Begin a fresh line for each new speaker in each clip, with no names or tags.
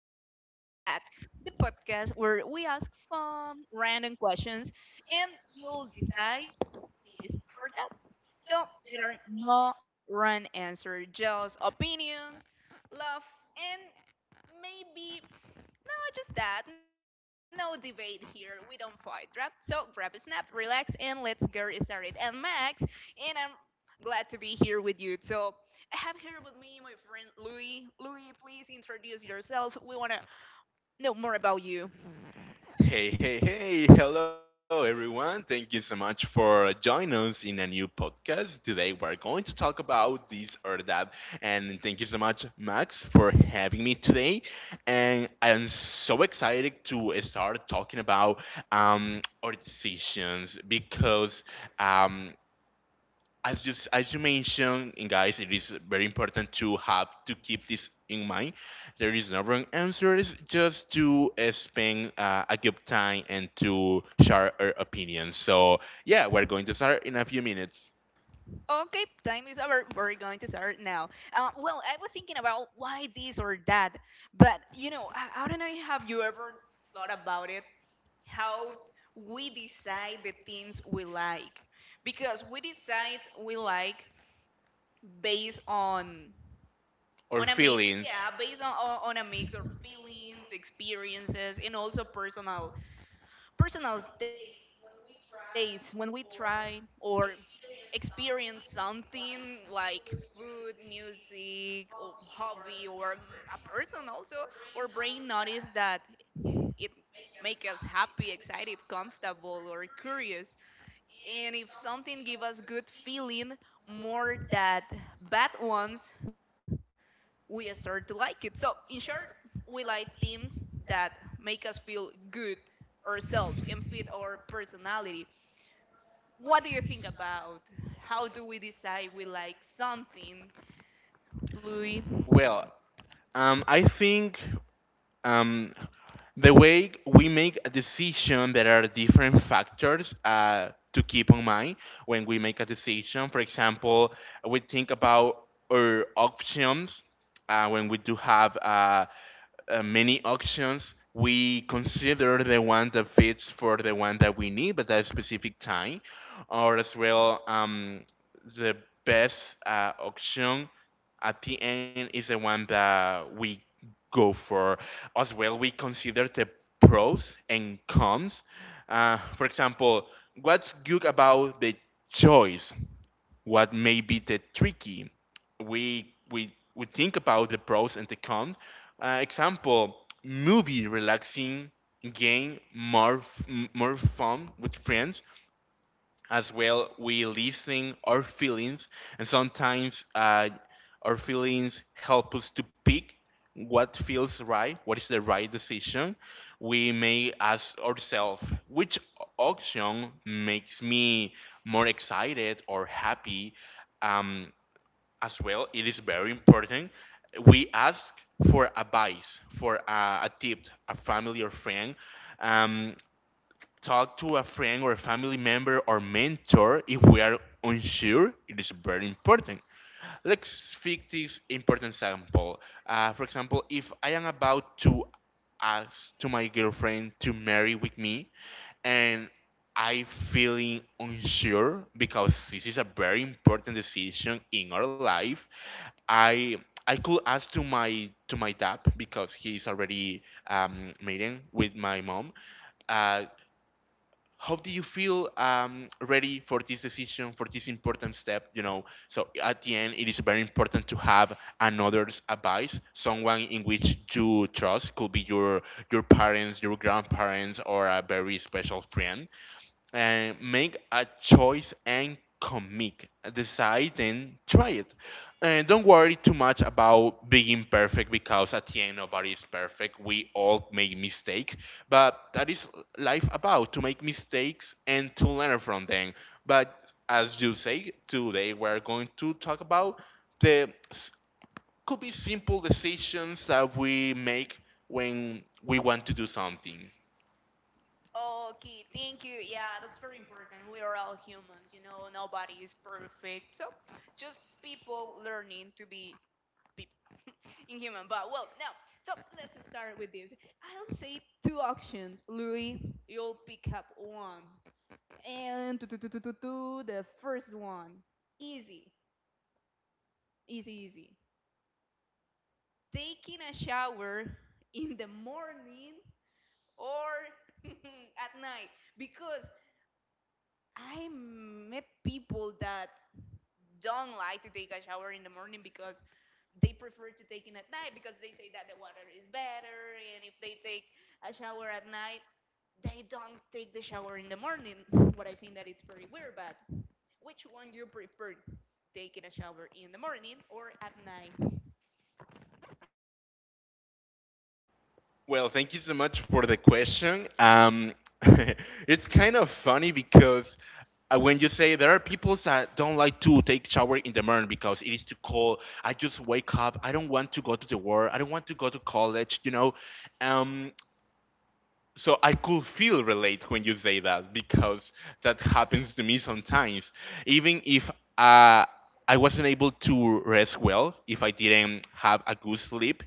This or That, the podcast where we ask fun, random questions and you'll decide this or that. So there are no wrong answers, just opinions, love, and maybe no, just that. No debate here. We don't fight, right? So grab a snap, relax, and let's get started. And Max, and I'm glad to be here with you. So I have here with me my friend Louis. Louis, please introduce yourself. We want to know more about you.
Hey, hey, hey, hello everyone. Thank you so much for joining us in a new podcast. Today we're going to talk about this or that. And thank you so much, Max, for having me today. And I am so excited to start talking about our decisions because um, as you s- as you mentioned, and guys, it is very important to have to keep this in mind. There is no wrong answers, just to spend a good time and to share our opinions. So yeah, we're going to start in a few minutes.
Okay, time is over. We're going to start now. Well, I was thinking about why this or that, but you know, I don't know. Have you ever thought about it? How we decide the things we like? Because we decide we like based
Our
on a mix
feelings.
yeah based on a mix of feelings, experiences, and also personal states when we try or experience something like food, music, or hobby or a person. Also, our brain notice that it make us happy, excited, comfortable, or curious, and if something give us good feeling more than bad ones, we start to like it. So in short, we like things that make us feel good ourselves and fit our personality. What do you think about how do we decide we like something, Louis?
Well, I think um, the way we make a decision, there are different factors to keep in mind when we make a decision. For example, we think about our options when we do have many auctions, we consider the one that fits for the one that we need at that specific time, or as well the best auction at the end is the one that we go for. As well, we consider the pros and cons. For example, what's good about the choice? What may be the tricky. We think about the pros and the cons. Example: movie relaxing, game more more fun with friends, as well we listen our feelings and sometimes our feelings help us to pick what feels right, what is the right decision. We may ask ourselves which option makes me more excited or happy. um, as well it is very important we ask for advice for a tip, a family or friend. um, talk to a friend or a family member or mentor if we are unsure. It is very important. Let's pick this important example. For example, if I am about to ask to my girlfriend to marry with me and I feeling unsure because this is a very important decision in our life, I I could ask to my dad because he is already married with my mom. Uh, how do you feel ready for this decision, for this important step, you know? So at the end it is very important to have another's advice, someone in which you trust, could be your parents, your grandparents, or a very special friend, and make a choice and commit. Decide and try it. And don't worry too much about being perfect because at the end nobody is perfect. We all make mistakes, but that is life about, to make mistakes and to learn from them. But as you say, today we're going to talk about the could be simple decisions that we make when we want to do something.
Okay, thank you. Yeah, that's very important. We are all humans, you know, nobody is perfect. So, just people learning to be people inhuman. But, well, no. So, let's start with this. I'll say two options. Louis, you'll pick up one. And do, do, do, do, do, do, the first one. Easy, easy, easy. Taking a shower in the morning or at night? Because I met people that don't like to take a shower in the morning because they prefer to take it at night because they say that the water is better, and if they take a shower at night they don't take the shower in the morning. What I think that it's pretty weird, but which one you prefer, taking a shower in the morning or at night?
Well, thank you so much for the question. It's kind of funny because when you say there are people that don't like to take shower in the morning because it is too cold. I just wake up. I don't want to go to the work. I don't want to go to college. You know, um, so I could feel relate when you say that because that happens to me sometimes. Even if uh, I wasn't able to rest well, if I didn't have a good sleep,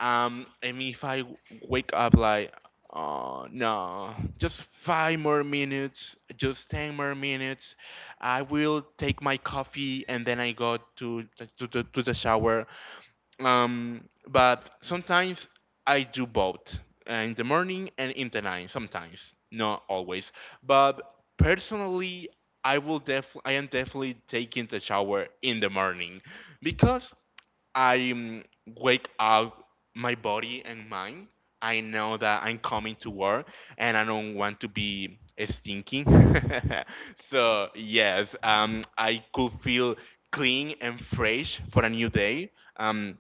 and if I wake up like, oh no, just 5 more minutes, just 10 more minutes, I will take my coffee and then I go to the shower. um, but sometimes I do both in the morning and in the night. Sometimes, not always. But personally, I will def I am definitely taking the shower in the morning because I wake up my body and mind. I know that I'm coming to work and I don't want to be stinking. So yes, I could feel clean and fresh for a new day. Um,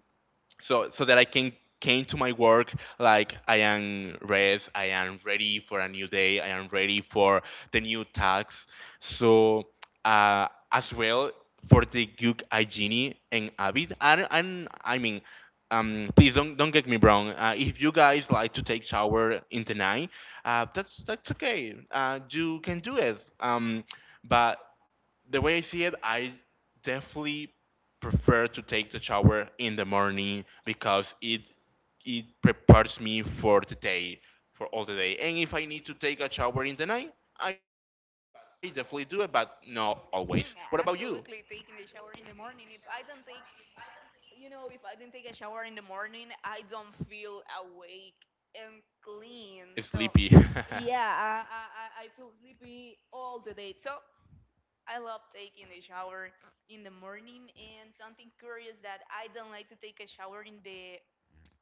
so that I can came to my work like I am rest, I am ready for a new day, I am ready for the new tasks. So as well for the good hygiene and habit. And I mean. Please don't get me wrong. If you guys like to take shower in the night, that's okay. You can do it. But the way I see it, I definitely prefer to take the shower in the morning because it prepares me for the day, for all the day. And if I need to take a shower in the night, I definitely do it, but not always. What about you?
Absolutely taking a shower in the morning. If I don't take you know, if I didn't take a shower in the morning, I don't feel awake and clean. So,
Sleepy.
yeah, I feel sleepy all the day. So, I love taking a shower in the morning. And something curious that I don't like to take a shower in the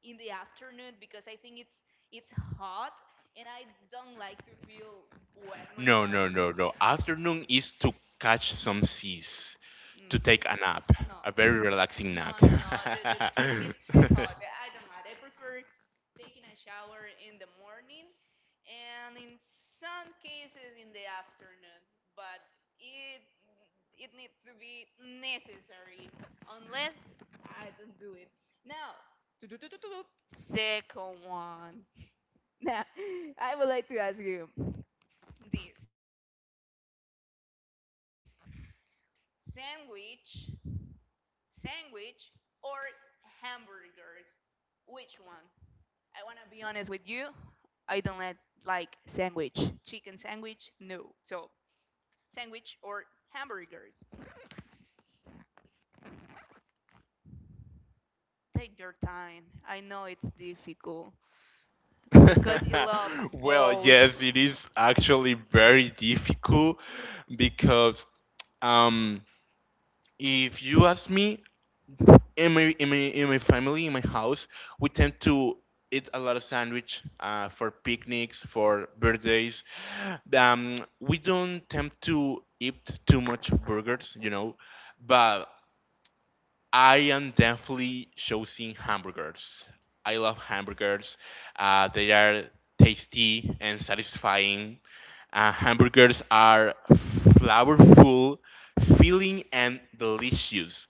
in the afternoon because I think it's hot and I don't like to feel wet
No,
myself.
no, no, no. Afternoon is to catch some seas, to
Mm.
take a nap,
No,
a very relaxing
no,
nap.
no, no. It's too hot. I don't like. I prefer taking a shower in the morning, and in some cases in the afternoon. But it it needs to be necessary, unless I don't do it. Now, second one. Now, I would like to ask you this sandwich. Sandwich or hamburgers? Which one? I want to be honest with you. I don't like sandwich. Chicken sandwich? No. So, sandwich or hamburgers? Take your time. I know it's difficult because you love
Well,
both.
yes, it is actually very difficult because um, if you ask me, in my family, in my house, we tend to eat a lot of sandwich for picnics, for birthdays. We don't tend to eat too much burgers, you know, but I am definitely choosing hamburgers. I love hamburgers. They are tasty and satisfying. Hamburgers are flavorful, filling, and delicious.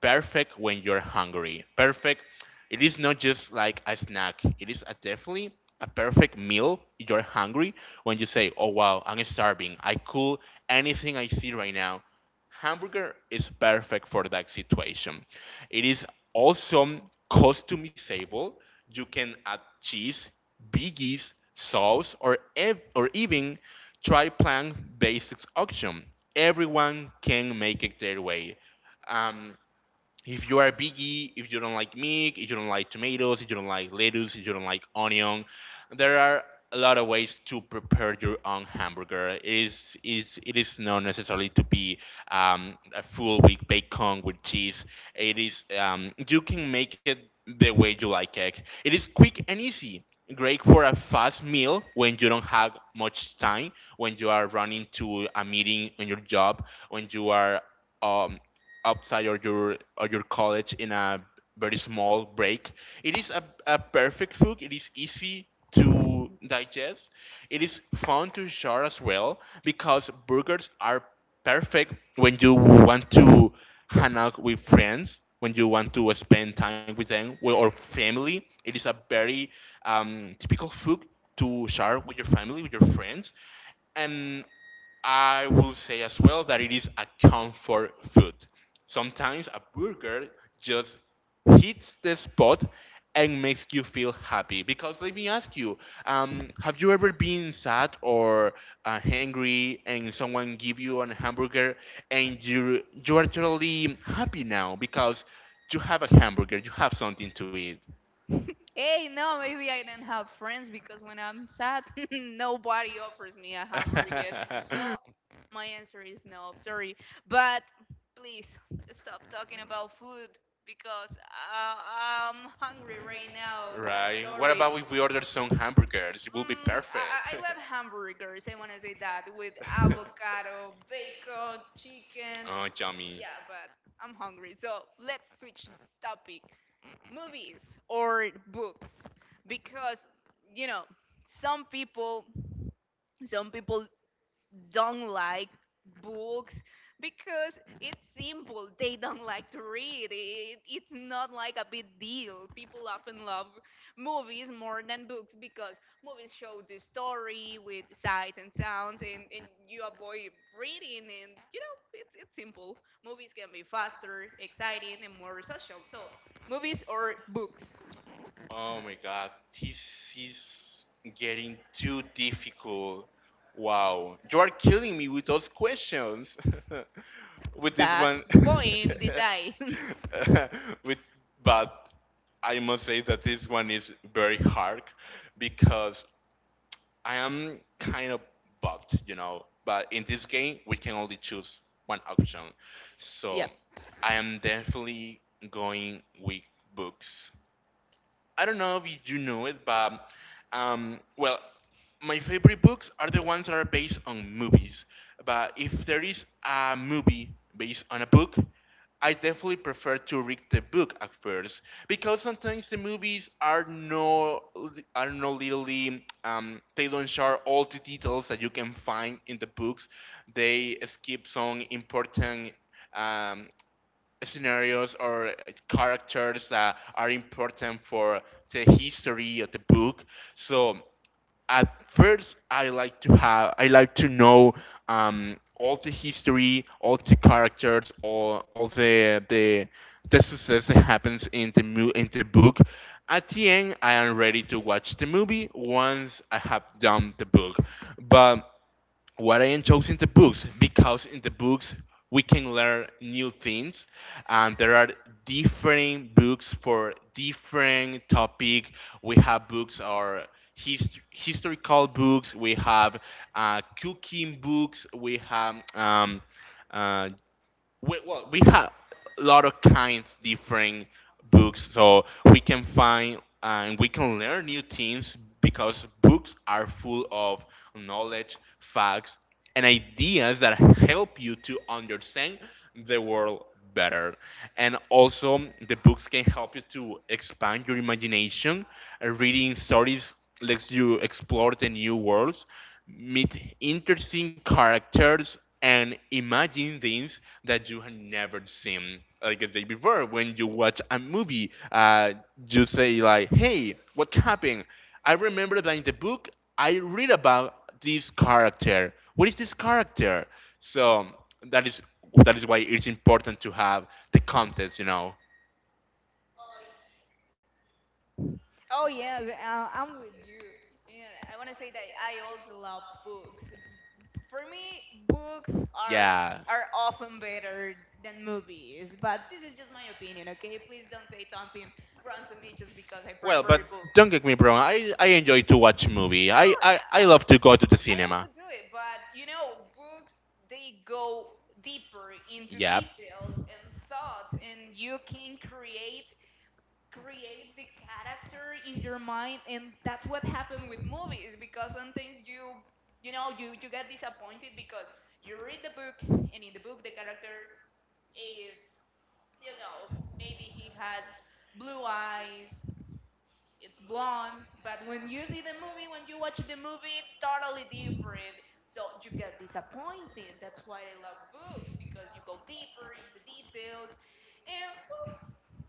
Perfect when you're hungry. Perfect. It is not just like a snack. It is a definitely a perfect meal. You're hungry when you say, "Oh wow, I'm starving. I cool anything I see right now." Hamburger is perfect for that situation. It is also customizable. You can add cheese, biggies, sauce, or even try plant based option. Everyone can make it their way. Um, if you are a biggie, if you don't like meat, if you don't like tomatoes, if you don't like lettuce, if you don't like onion, there are a lot of ways to prepare your own hamburger. It is not necessarily to be a full week bacon with cheese. It is you can make it the way you like it. It is quick and easy. Great for a fast meal when you don't have much time, when you are running to a meeting on your job, when you are um, outside or your college in a very small break. It is a perfect food. It is easy to digest. It is fun to share as well because burgers are perfect when you want to hang out with friends, when you want to spend time with them or family. It is a very typical food to share with your family, with your friends, and I will say as well that it is a comfort food. Sometimes a burger just hits the spot and makes you feel happy. Because let me ask you, have you ever been sad or hungry and someone give you a hamburger and you are totally happy now because you have a hamburger, you have something to eat.
Hey, no, maybe I don't have friends because when I'm sad, nobody offers me a hamburger. So my answer is no, sorry. But please stop talking about food because I'm hungry right now, guys.
Right. What
Sorry.
about if we order some hamburgers? It will be
I
perfect.
love hamburgers. I want to say that with avocado, bacon, chickens.
Oh, yummy.
Yeah, but I'm hungry. So let's switch topic, movies or books? Because you know, some people don't like books because it's simple, they don't like to read it, it's not like a big deal. People often love movies more than books because movies show the story with sight and sounds, and, you avoid reading and you know it's simple. Movies can be faster, exciting, and more social. So movies or books?
Oh my god, this is getting too difficult. Wow, you are killing me with those questions. With this
That's
one.
the point, design.
with but I must say that this one is very hard because I am kind of buffed, you know. But in this game, we can only choose one option.
Yeah.
So I am definitely going with books. I don't know if you know it, but well, my favorite books are the ones that are based on movies. But if there is a movie based on a book, I definitely prefer to read the book at first because sometimes the movies are no literally they don't share all the details that you can find in the books. They skip some important um, scenarios or characters that are important for the history of the book. So at first, I like to have, I like to know all the history, all the characters, all the the success that happens in the in the book. At the end, I am ready to watch the movie once I have done the book, but what I am choosing the books because in the books we can learn new things, and there are different books for different topic. We have books or historical books, we have cooking books, we have uh, well, we have a lot of kinds different books, so we can find and we can learn new things because books are full of knowledge, facts and ideas that help you to understand the world better. And also the books can help you to expand your imagination. Reading stories lets you explore the new worlds, meet interesting characters and imagine things that you have never seen. Like I said before, when you watch a movie you say like, hey, what happened? I remember that in the book I read about this character. What is this character? So that is that is why it's important to have the context, you know?
Oh yes, I'm with you. And I want to say that I also love books. For me, books are
Yeah.
are often better than movies, but this is just my opinion, okay? Please don't say something wrong to me just because I
Well, but
prefer books.
don't get me wrong. I enjoy to watch movie.
No,
I, I,
yeah,
I love to go to the
I also
cinema.
do it, but you know, books, they go deeper into
Yeah.
details and thoughts, and you can create the character in your mind, and that's what happened with movies because sometimes you know, you get disappointed because you read the book, and in the book the character is you know, maybe he has blue eyes, it's blonde, but when you see the movie, when you watch the movie, totally different. So you get disappointed. That's why I love books, because you go deeper into details, and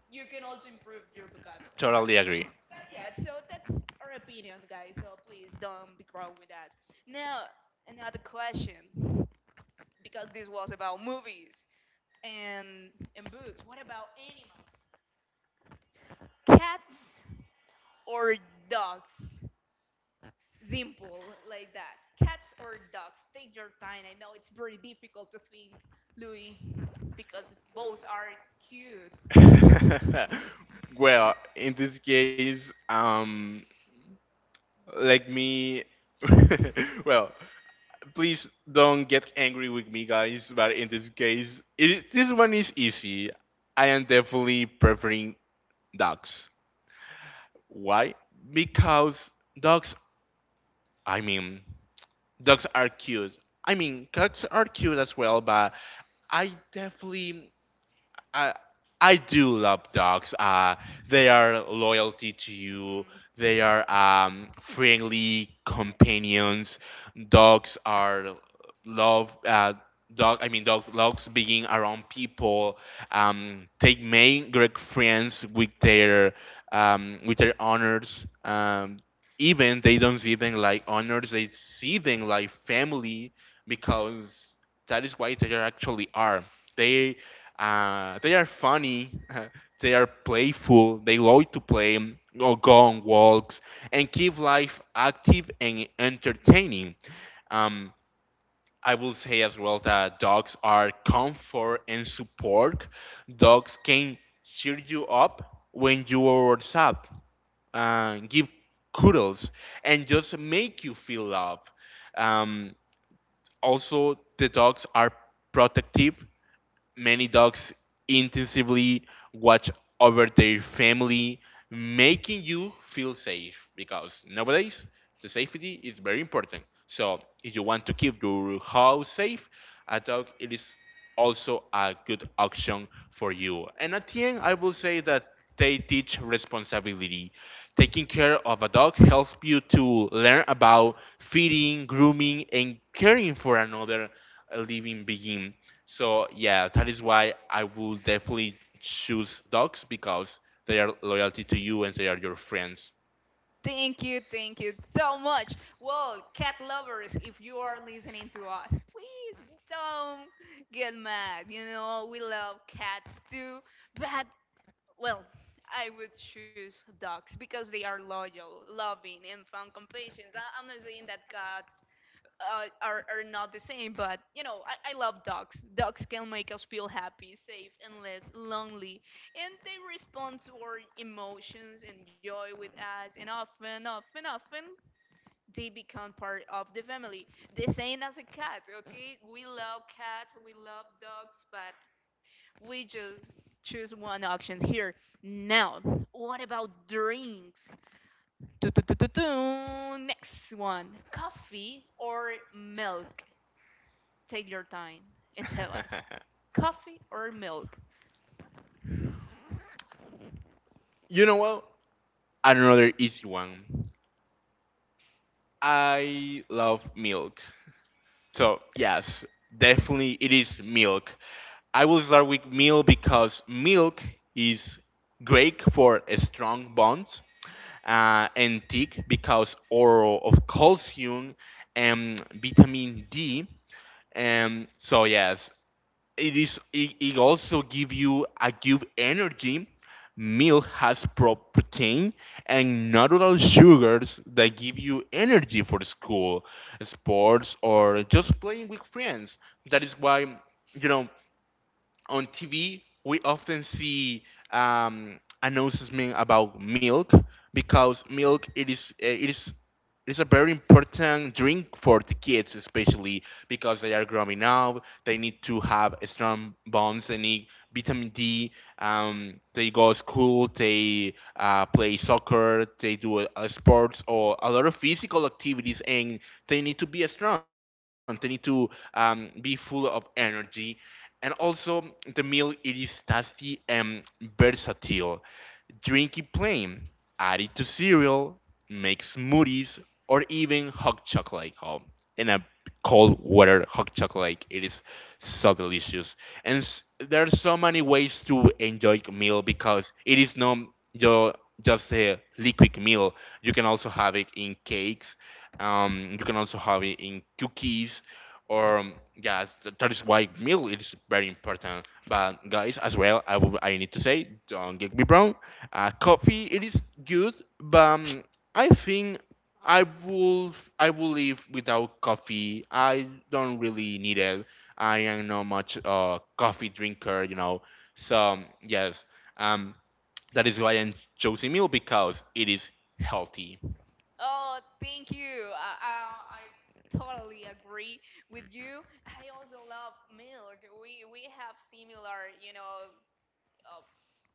you can also improve your vocabulary.
Totally agree.
But yeah, so that's our opinion, guys. So please don't be wrong with us. Now another question, because this was about movies and books. What about animals? Cats or dogs? Simple, like that. Cats or dogs? Take your time. I know it's very difficult to think, Louis, because both are cute.
well, in this case, let me. well, please don't get angry with me, guys. But in this case, it is, this one is easy. I am definitely preferring dogs. Why? Because dogs, I mean, dogs are cute. I mean, cats are cute as well, but I definitely I I do love dogs. They are loyalty to you.
Mm.
They are friendly companions. Dogs are love. Dogs being around people. They make great friends with their with their owners. Even they don't see them like owners. They see them like family because that is why they are actually are. They they are funny. They are playful. They love to play or go on walks and keep life active and entertaining. Um, I will say as well that dogs are comfort and support. Dogs can cheer you up when you are sad, give cuddles, and just make you feel love. Um, Also, the dogs are protective. Many dogs intensively watch over their family, making you feel safe because nowadays the safety is very important. So if you want to keep your house safe, a dog it is also a good option for you. And at the end, I will say that they teach responsibility. Taking care of a dog helps you to learn about feeding, grooming, and caring for another living being. So yeah, that is why I will definitely choose dogs because they are loyalty to you and they are your friends.
Thank you so much. Well, cat lovers, if you are listening to us, please don't get mad. You know, we love cats too, but well, I would choose dogs because they are loyal, loving, and found compassion. I'm not saying that cats are not the same, but you know, I love dogs. Dogs can make us feel happy, safe, and less lonely. And they respond to our emotions and joy with us, and often they become part of the family. The same as a cat, okay? We love cats, we love dogs, but we just choose one option here. Now, what about drinks? Dun, dun, dun, dun, dun. Next one, coffee or milk? Take your time and tell us. Coffee or milk?
You know what? Another easy one. I love milk. So yes, definitely it is milk. I will start with milk because milk is great for strong bonds and thick because oral of calcium and vitamin D. And so yes, it is. It also give you a give energy. Milk has protein and natural sugars that give you energy for school, sports, or just playing with friends. That is why you know on TV, we often see announcements about milk because milk it is it is it's a very important drink for the kids, especially because they are growing up. They need to have strong bones. They need vitamin D. They go to school. They play soccer. They do sports or a lot of physical activities, and they need to be strong. They need to be full of energy. And also, the meal it is tasty and versatile. Drink it plain, add it to cereal, make smoothies, or even hot chocolate. Oh, in a cold weather hot chocolate, it is so delicious. And there are so many ways to enjoy meal because it is not your just a liquid meal. You can also have it in cakes. You can also have it in cookies or yes, that is why meal is very important. But guys, as well, I need to say, don't get me wrong, coffee it is good, but I think I will live without coffee. I don't really need it. I am not much coffee drinker, you know. So yes, um, that is why I'm choosing meal because it is healthy.
Oh, thank you. I totally agree with you. I also love milk. We have similar, you know, uh,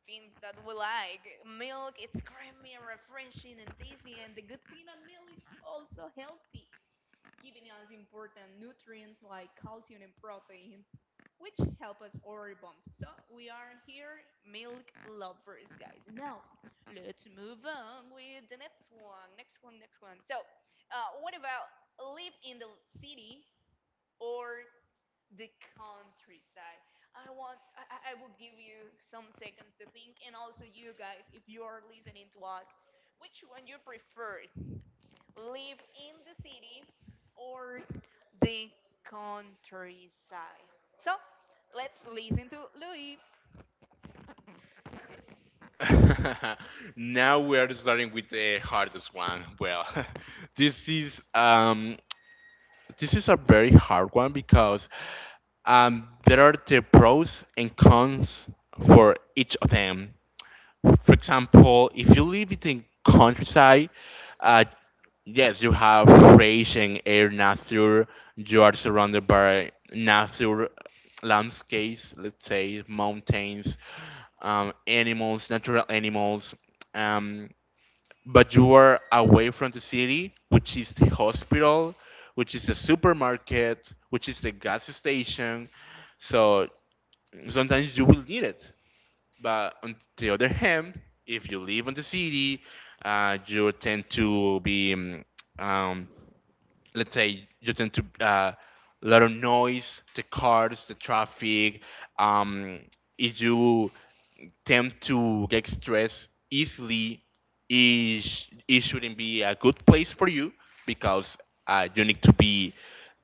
things that we like. Milk, it's creamy and refreshing and tasty, and the good thing on milk is also healthy, giving us important nutrients like calcium and protein, which help us our bones. So we are here, milk lovers, guys. Now, let's move on with the next one. Next one, next one. So, what about live in the city or the countryside? I want, I will give you some seconds to think, and also you guys, if you are listening to us, which one you prefer? Live in the city or the countryside. So let's listen to Louis.
Now we are starting with the hardest one. Well, this is um, this is a very hard one because there are the pros and cons for each of them. For example, if you live it in countryside, uh, yes, you have fresh and air nature. You are surrounded by nature landscapes, let's say mountains, animals, natural animals. Um, but you are away from the city, which is the hospital, which is the supermarket, which is the gas station. So sometimes you will need it. But on the other hand, if you live in the city, you tend to be, um, let's say, you tend to lot of noise, the cars, the traffic. Um, if you tend to get stressed easily, it shouldn't be a good place for you because you need to be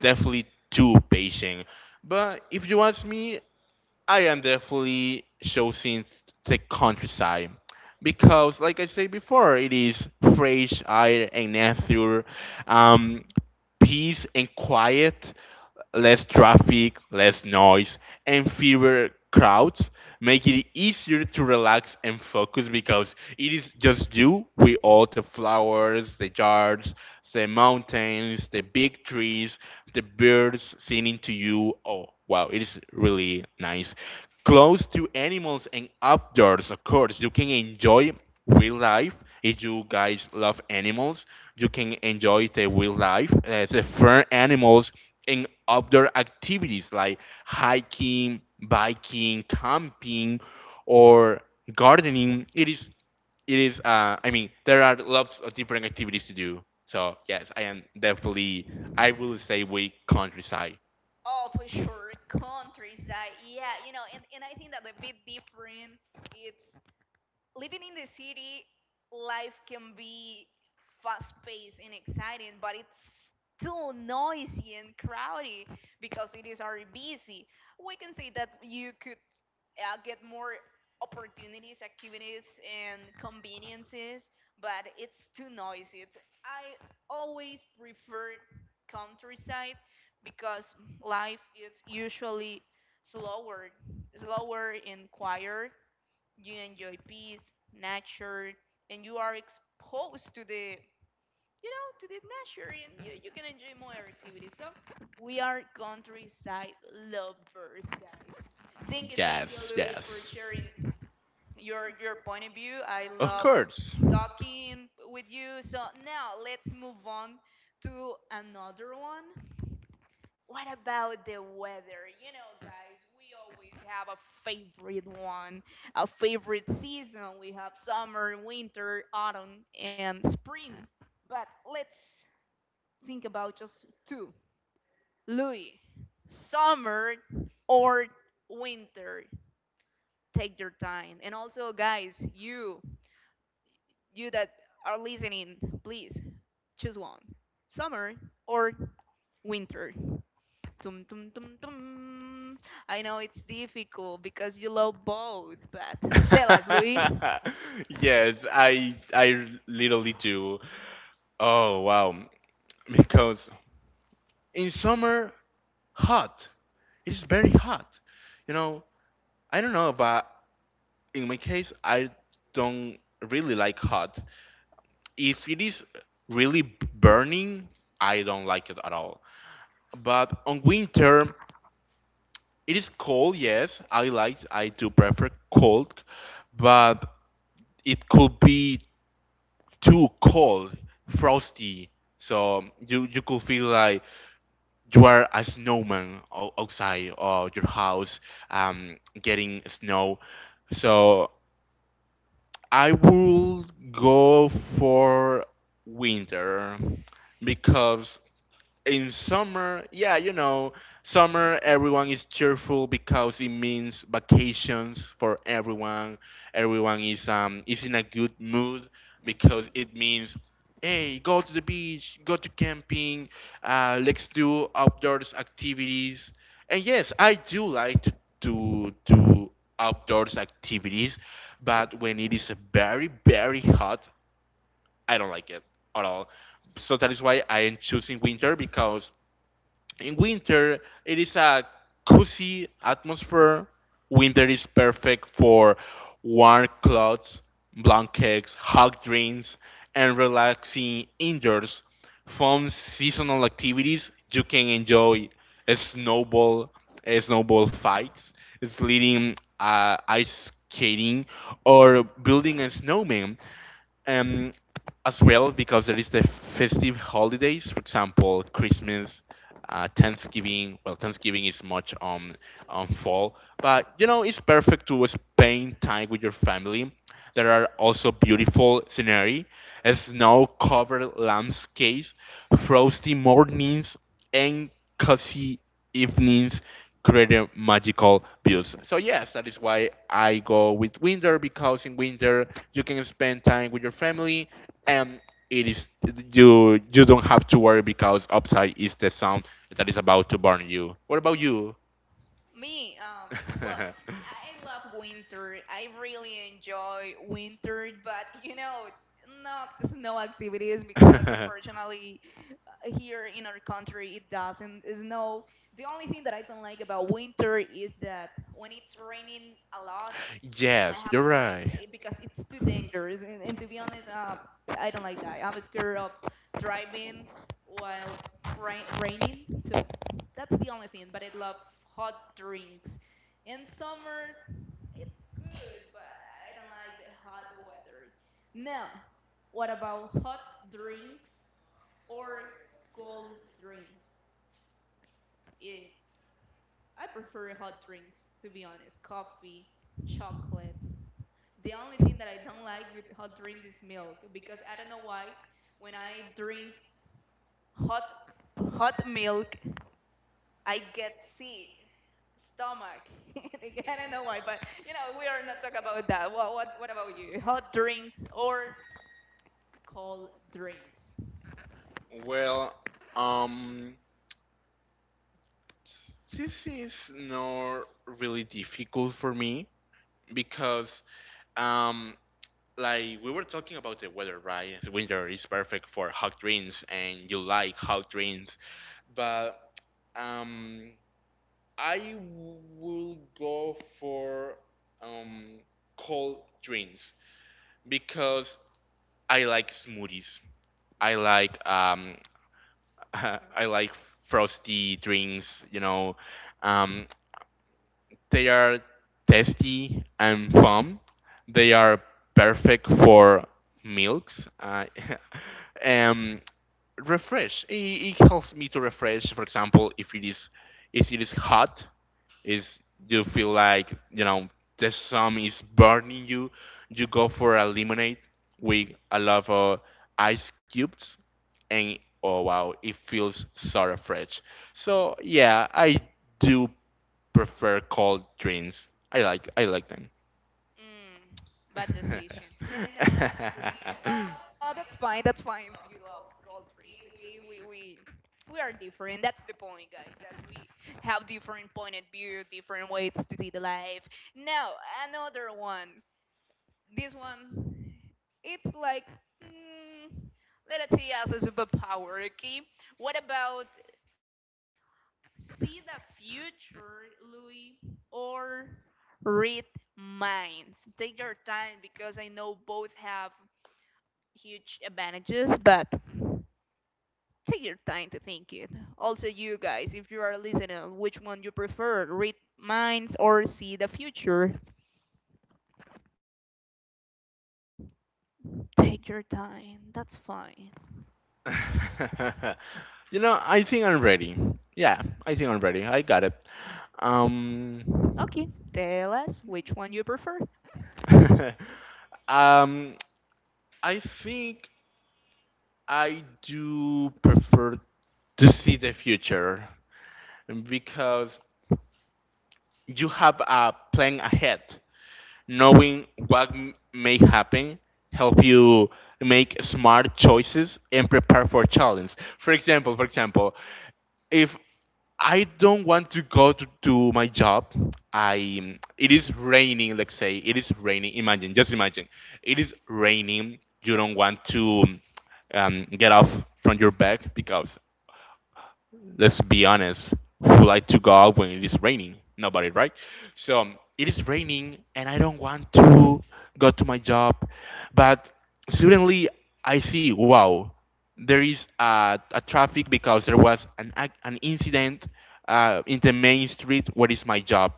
definitely too patient. But if you ask me, I am definitely choosing the countryside because, like I said before, it is fresh air and nature. Um, Peace and quiet, less traffic, less noise, and fewer crowds make it easier to relax and focus because it is just you with all the flowers, the yards, the mountains, the big trees, the birds singing to you. Oh, wow, it is really nice. Close to animals and outdoors, of course, you can enjoy wildlife. If you guys love animals, you can enjoy the wildlife, the fur animals, and outdoor activities like hiking, biking, camping, or gardening. It is. I mean, there are lots of different activities to do. So yes, I am definitely. I will say we countryside.
Oh, for sure, countryside. Yeah, you know, and I think that a bit different. It's living in the city, life can be fast paced and exciting, but it's still noisy and crowded because it is already busy. We can say that you could get more opportunities, activities, and conveniences, but it's too noisy. It's, I always prefer countryside because life is usually slower, slower and quieter. You enjoy peace, nature, and you are exposed to the you know, to the nature and you can enjoy more activities. So we are countryside lovers, guys. Thank you,
Yes,
Louis, for
yes.
sharing your point of view. I
Of
love
course.
talking with you. So now let's move on to another one. What about the weather? You know, guys, we always have a favorite one, a favorite season. We have summer, winter, autumn, and spring. But let's think about just two. Louis, summer or winter, take your time. And also, guys, you that are listening, please choose one. Summer or winter. Tum, tum, tum, tum. I know it's difficult because you love both, but tell us, Louis.
yes, I literally do. Oh wow, because in summer, hot. It's very hot. You know, I don't know, but in my case, I don't really like hot. If it is really burning, I don't like it at all. But on winter, it is cold. Yes, I like. I do prefer cold, but it could be too cold, frosty. So you could feel like you are a snowman outside of your house, getting snow. So I will go for winter because in summer, yeah, you know, summer everyone is cheerful because it means vacations for everyone. Everyone is in a good mood because it means hey, go to the beach, go to camping, let's do outdoors activities. And yes, I do like to do outdoors activities, but when it is very very hot, I don't like it at all. So that is why I am choosing winter because in winter, it is a cozy atmosphere. Winter is perfect for warm clothes, blankets, hot drinks, and relaxing indoors. Fun seasonal activities you can enjoy: a snowball, a snowball fights, sledding, ice skating, or building a snowman um, as well because there is the festive holidays, for example, Christmas, Thanksgiving. Well, Thanksgiving is much on fall, but you know it's perfect to spend time with your family. There are also beautiful scenery, snow-covered landscapes, frosty mornings, and cozy evenings creating magical views. So yes, that is why I go with winter because in winter you can spend time with your family and it is you don't have to worry because upside is the sun that is about to burn you. What about you?
Me, well, I love winter. I really enjoy winter, but you know, not snow activities because unfortunately, here in our country it doesn't snow. The only thing that I don't like about winter is that when it's raining a lot, I
Yes,
have
you're
to drive
right.
because it's too dangerous. And to be honest, I don't like that. I'm scared of driving while raining. So that's the only thing. But I love hot drinks. In summer, it's good, but I don't like the hot weather. Now, what about hot drinks or cold drinks? Eh, I prefer hot drinks, to be honest. Coffee, chocolate. The only thing that I don't like with hot drink is milk because I don't know why when I drink hot hot milk I get sick stomach. I don't know why, but you know we are not talking about that. What about you? Hot drinks or cold drinks?
Well, um, this is not really difficult for me because, um, like we were talking about the weather, right? The winter is perfect for hot drinks, and you like hot drinks, but um, I will go for um cold drinks because I like smoothies. I like um I like frosty drinks, you know. Um, they are tasty and fun. They are perfect for milks. Um, refresh. It helps me to refresh. For example, if it is hot, is you feel like you know the sun is burning you you go for a lemonade with a lot of ice cubes and oh wow it feels sort of fresh so yeah I do prefer cold drinks I like them
Mm, bad decision. No, I'm just kidding. No, that's fine. That's fine if you love gold drinks. Okay, we we we are different. That's the point, guys. That we have different point of view, different ways to see the life. Now another one. This one, it's like mm, let's see as a superpower. Okay, what about see the future, Louis, or read minds? Take your time because I know both have huge advantages, but take your time to think it. Also, you guys, if you are listening, which one you prefer, read minds or see the future? Take your time. That's fine.
you know, I think I'm ready. Yeah, I think I'm ready. I got it. Um,
Okay, tell us which one you prefer.
um, I think I do prefer to see the future because you have a plan ahead. Knowing what may happen help you make smart choices and prepare for challenge for example if I don't want to go to my job. I it is raining. Let's say it is raining. Imagine, just imagine, it is raining. You don't want to get off from your bed because let's be honest, who like to go out when it is raining? Nobody, right? So it is raining and I don't want to go to my job, but suddenly I see, wow, there is a traffic because there was an an incident in the main street where is my job.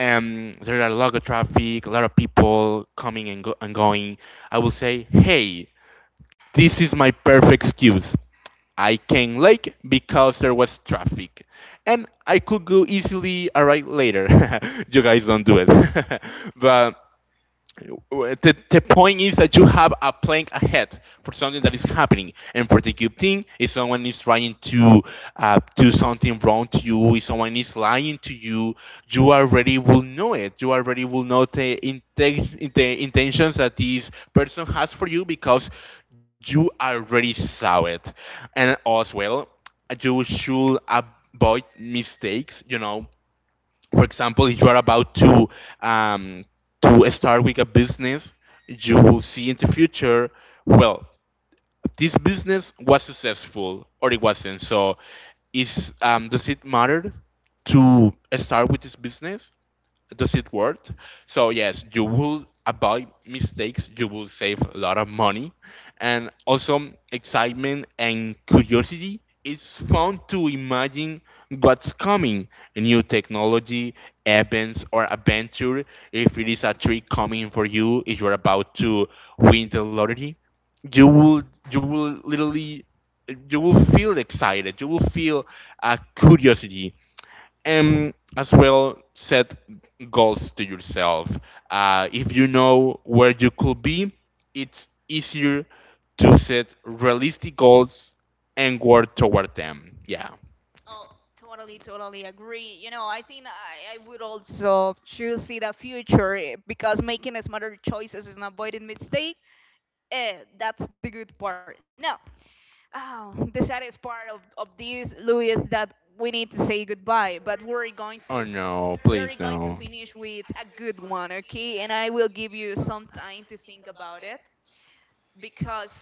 There are a lot of traffic, a lot of people coming and going. I will say, hey, this is my perfect excuse. I came late because there was traffic, and I could go easily arrive later. You guys don't do it, but the point is that you have a plank ahead for something that is happening and for the cube thing if someone is trying to do something wrong to you if someone is lying to you you already will know it you already will know the, the intentions that this person has for you because you already saw it and as well you should avoid mistakes you know for example, if you are about to um, start with a business, you will see in the future, well, this business was successful or it wasn't. So, is does it matter to start with this business does it work? So yes, you will avoid mistakes, you will save a lot of money, and also excitement and curiosity. It's fun to imagine what's coming, new technology, events, or adventure. If it is a treat coming for you, if you're about to win the lottery, you will you will literally you will feel excited. You will feel a curiosity and as well set goals to yourself. If you know where you could be it's easier to set realistic goals and work toward them yeah
Oh, totally, totally agree. You know, I think I would also choose in the future because making smarter choices and avoiding mistake, that's the good part. Now, oh, the saddest part of this, Louis, is that we need to say goodbye, but we're going to
oh no please no
finish with a good one, okay? And I will give you some time to think about it because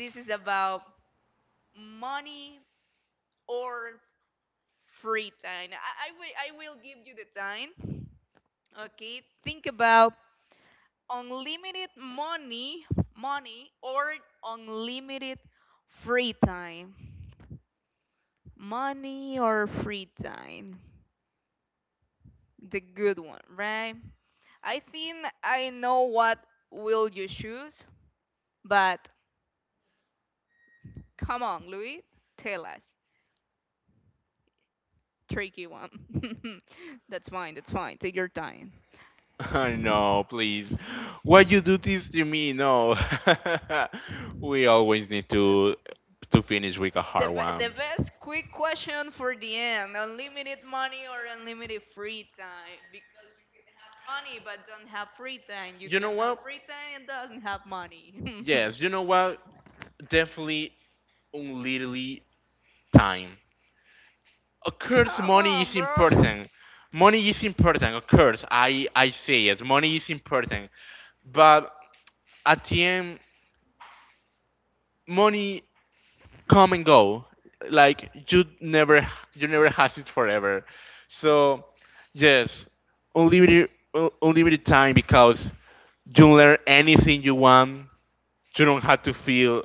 this is about money or free time. I will give you the time. Okay, think about unlimited money or unlimited free time. Money or free time. The good one, right? I think I know what will you choose, but come on, Louis, tell us. Tricky one. That's fine, that's fine. Take your time.
no, please. What you do this to me? No. We always need to finish with a
The,
hard one.
the best quick question for the end, unlimited money or unlimited free time? Because you could have money but don't have free time, you
You know
can have
what?
free time and doesn't have money.
Yes, you know what? Definitely, literally, time. Of course,
Come
money is
on, bro.
important. Money is important. Of course, I say it. Money is important. But at the end, money come and go like you never you never has it forever so yes unlimited unlimited time because you learn anything you want you don't have to feel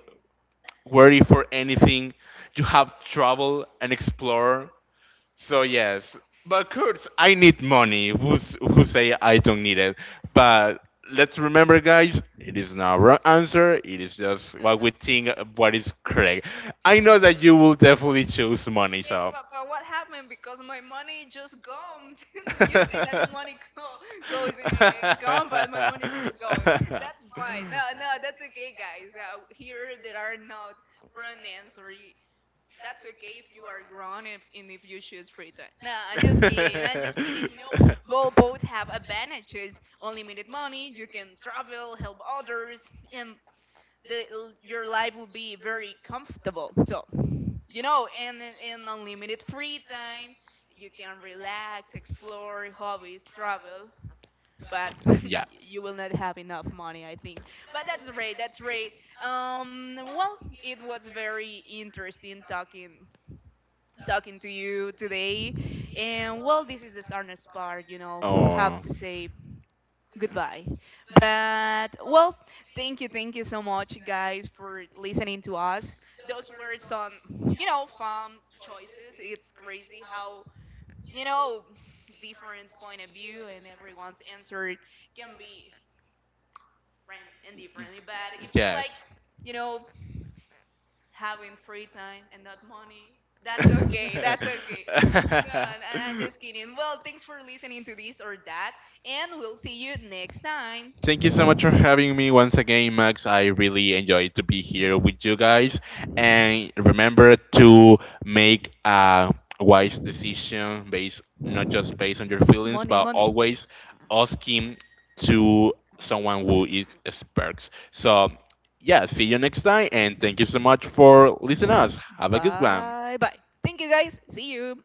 worried for anything you have travel and explore so yes, but Kurtz, I need money. Who's who say I don't need it? But let's remember, guys, it is not wrong answer. It is just what we think of what is correct. I know that you will definitely choose money.
Yeah,
So.
but what happened because my money just gone. You say that the money goes and gone but my money just goes. That's fine. No no, that's okay guys. Here there are not wrong answers. That's okay if you are grown if, and if you choose free time. Nah, I'm just kidding. I'm just kidding. You know, both have advantages. Unlimited money, you can travel, help others, and the your life will be very comfortable. So you know, and unlimited free time, you can relax, explore hobbies, travel. But
yeah.
you will not have enough money, I think. But that's great. That's great. Well, it was very interesting talking to you today. And well, this is the sadness part, you know, have to
Oh.
say goodbye. But well, thank you so much, guys, for listening to us. Those were some, you know, fun choices. It's crazy how, you know, different point of view and everyone's answer can be random and differently. But if you
Yes.
like, you know, having free time and not money. That's okay. That's okay. No, I'm just kidding. Well, thanks for listening to this or that, and we'll see you next time.
Thank you so much for having me once again, Max. I really enjoyed to be here with you guys. And remember to make a wise decision based not just based on your feelings,
Money,
but
money.
always asking to someone who is experts. So yeah, see you next time, and thank you so much for listening us. Have a good one.
Bye bye. Thank you guys. See you.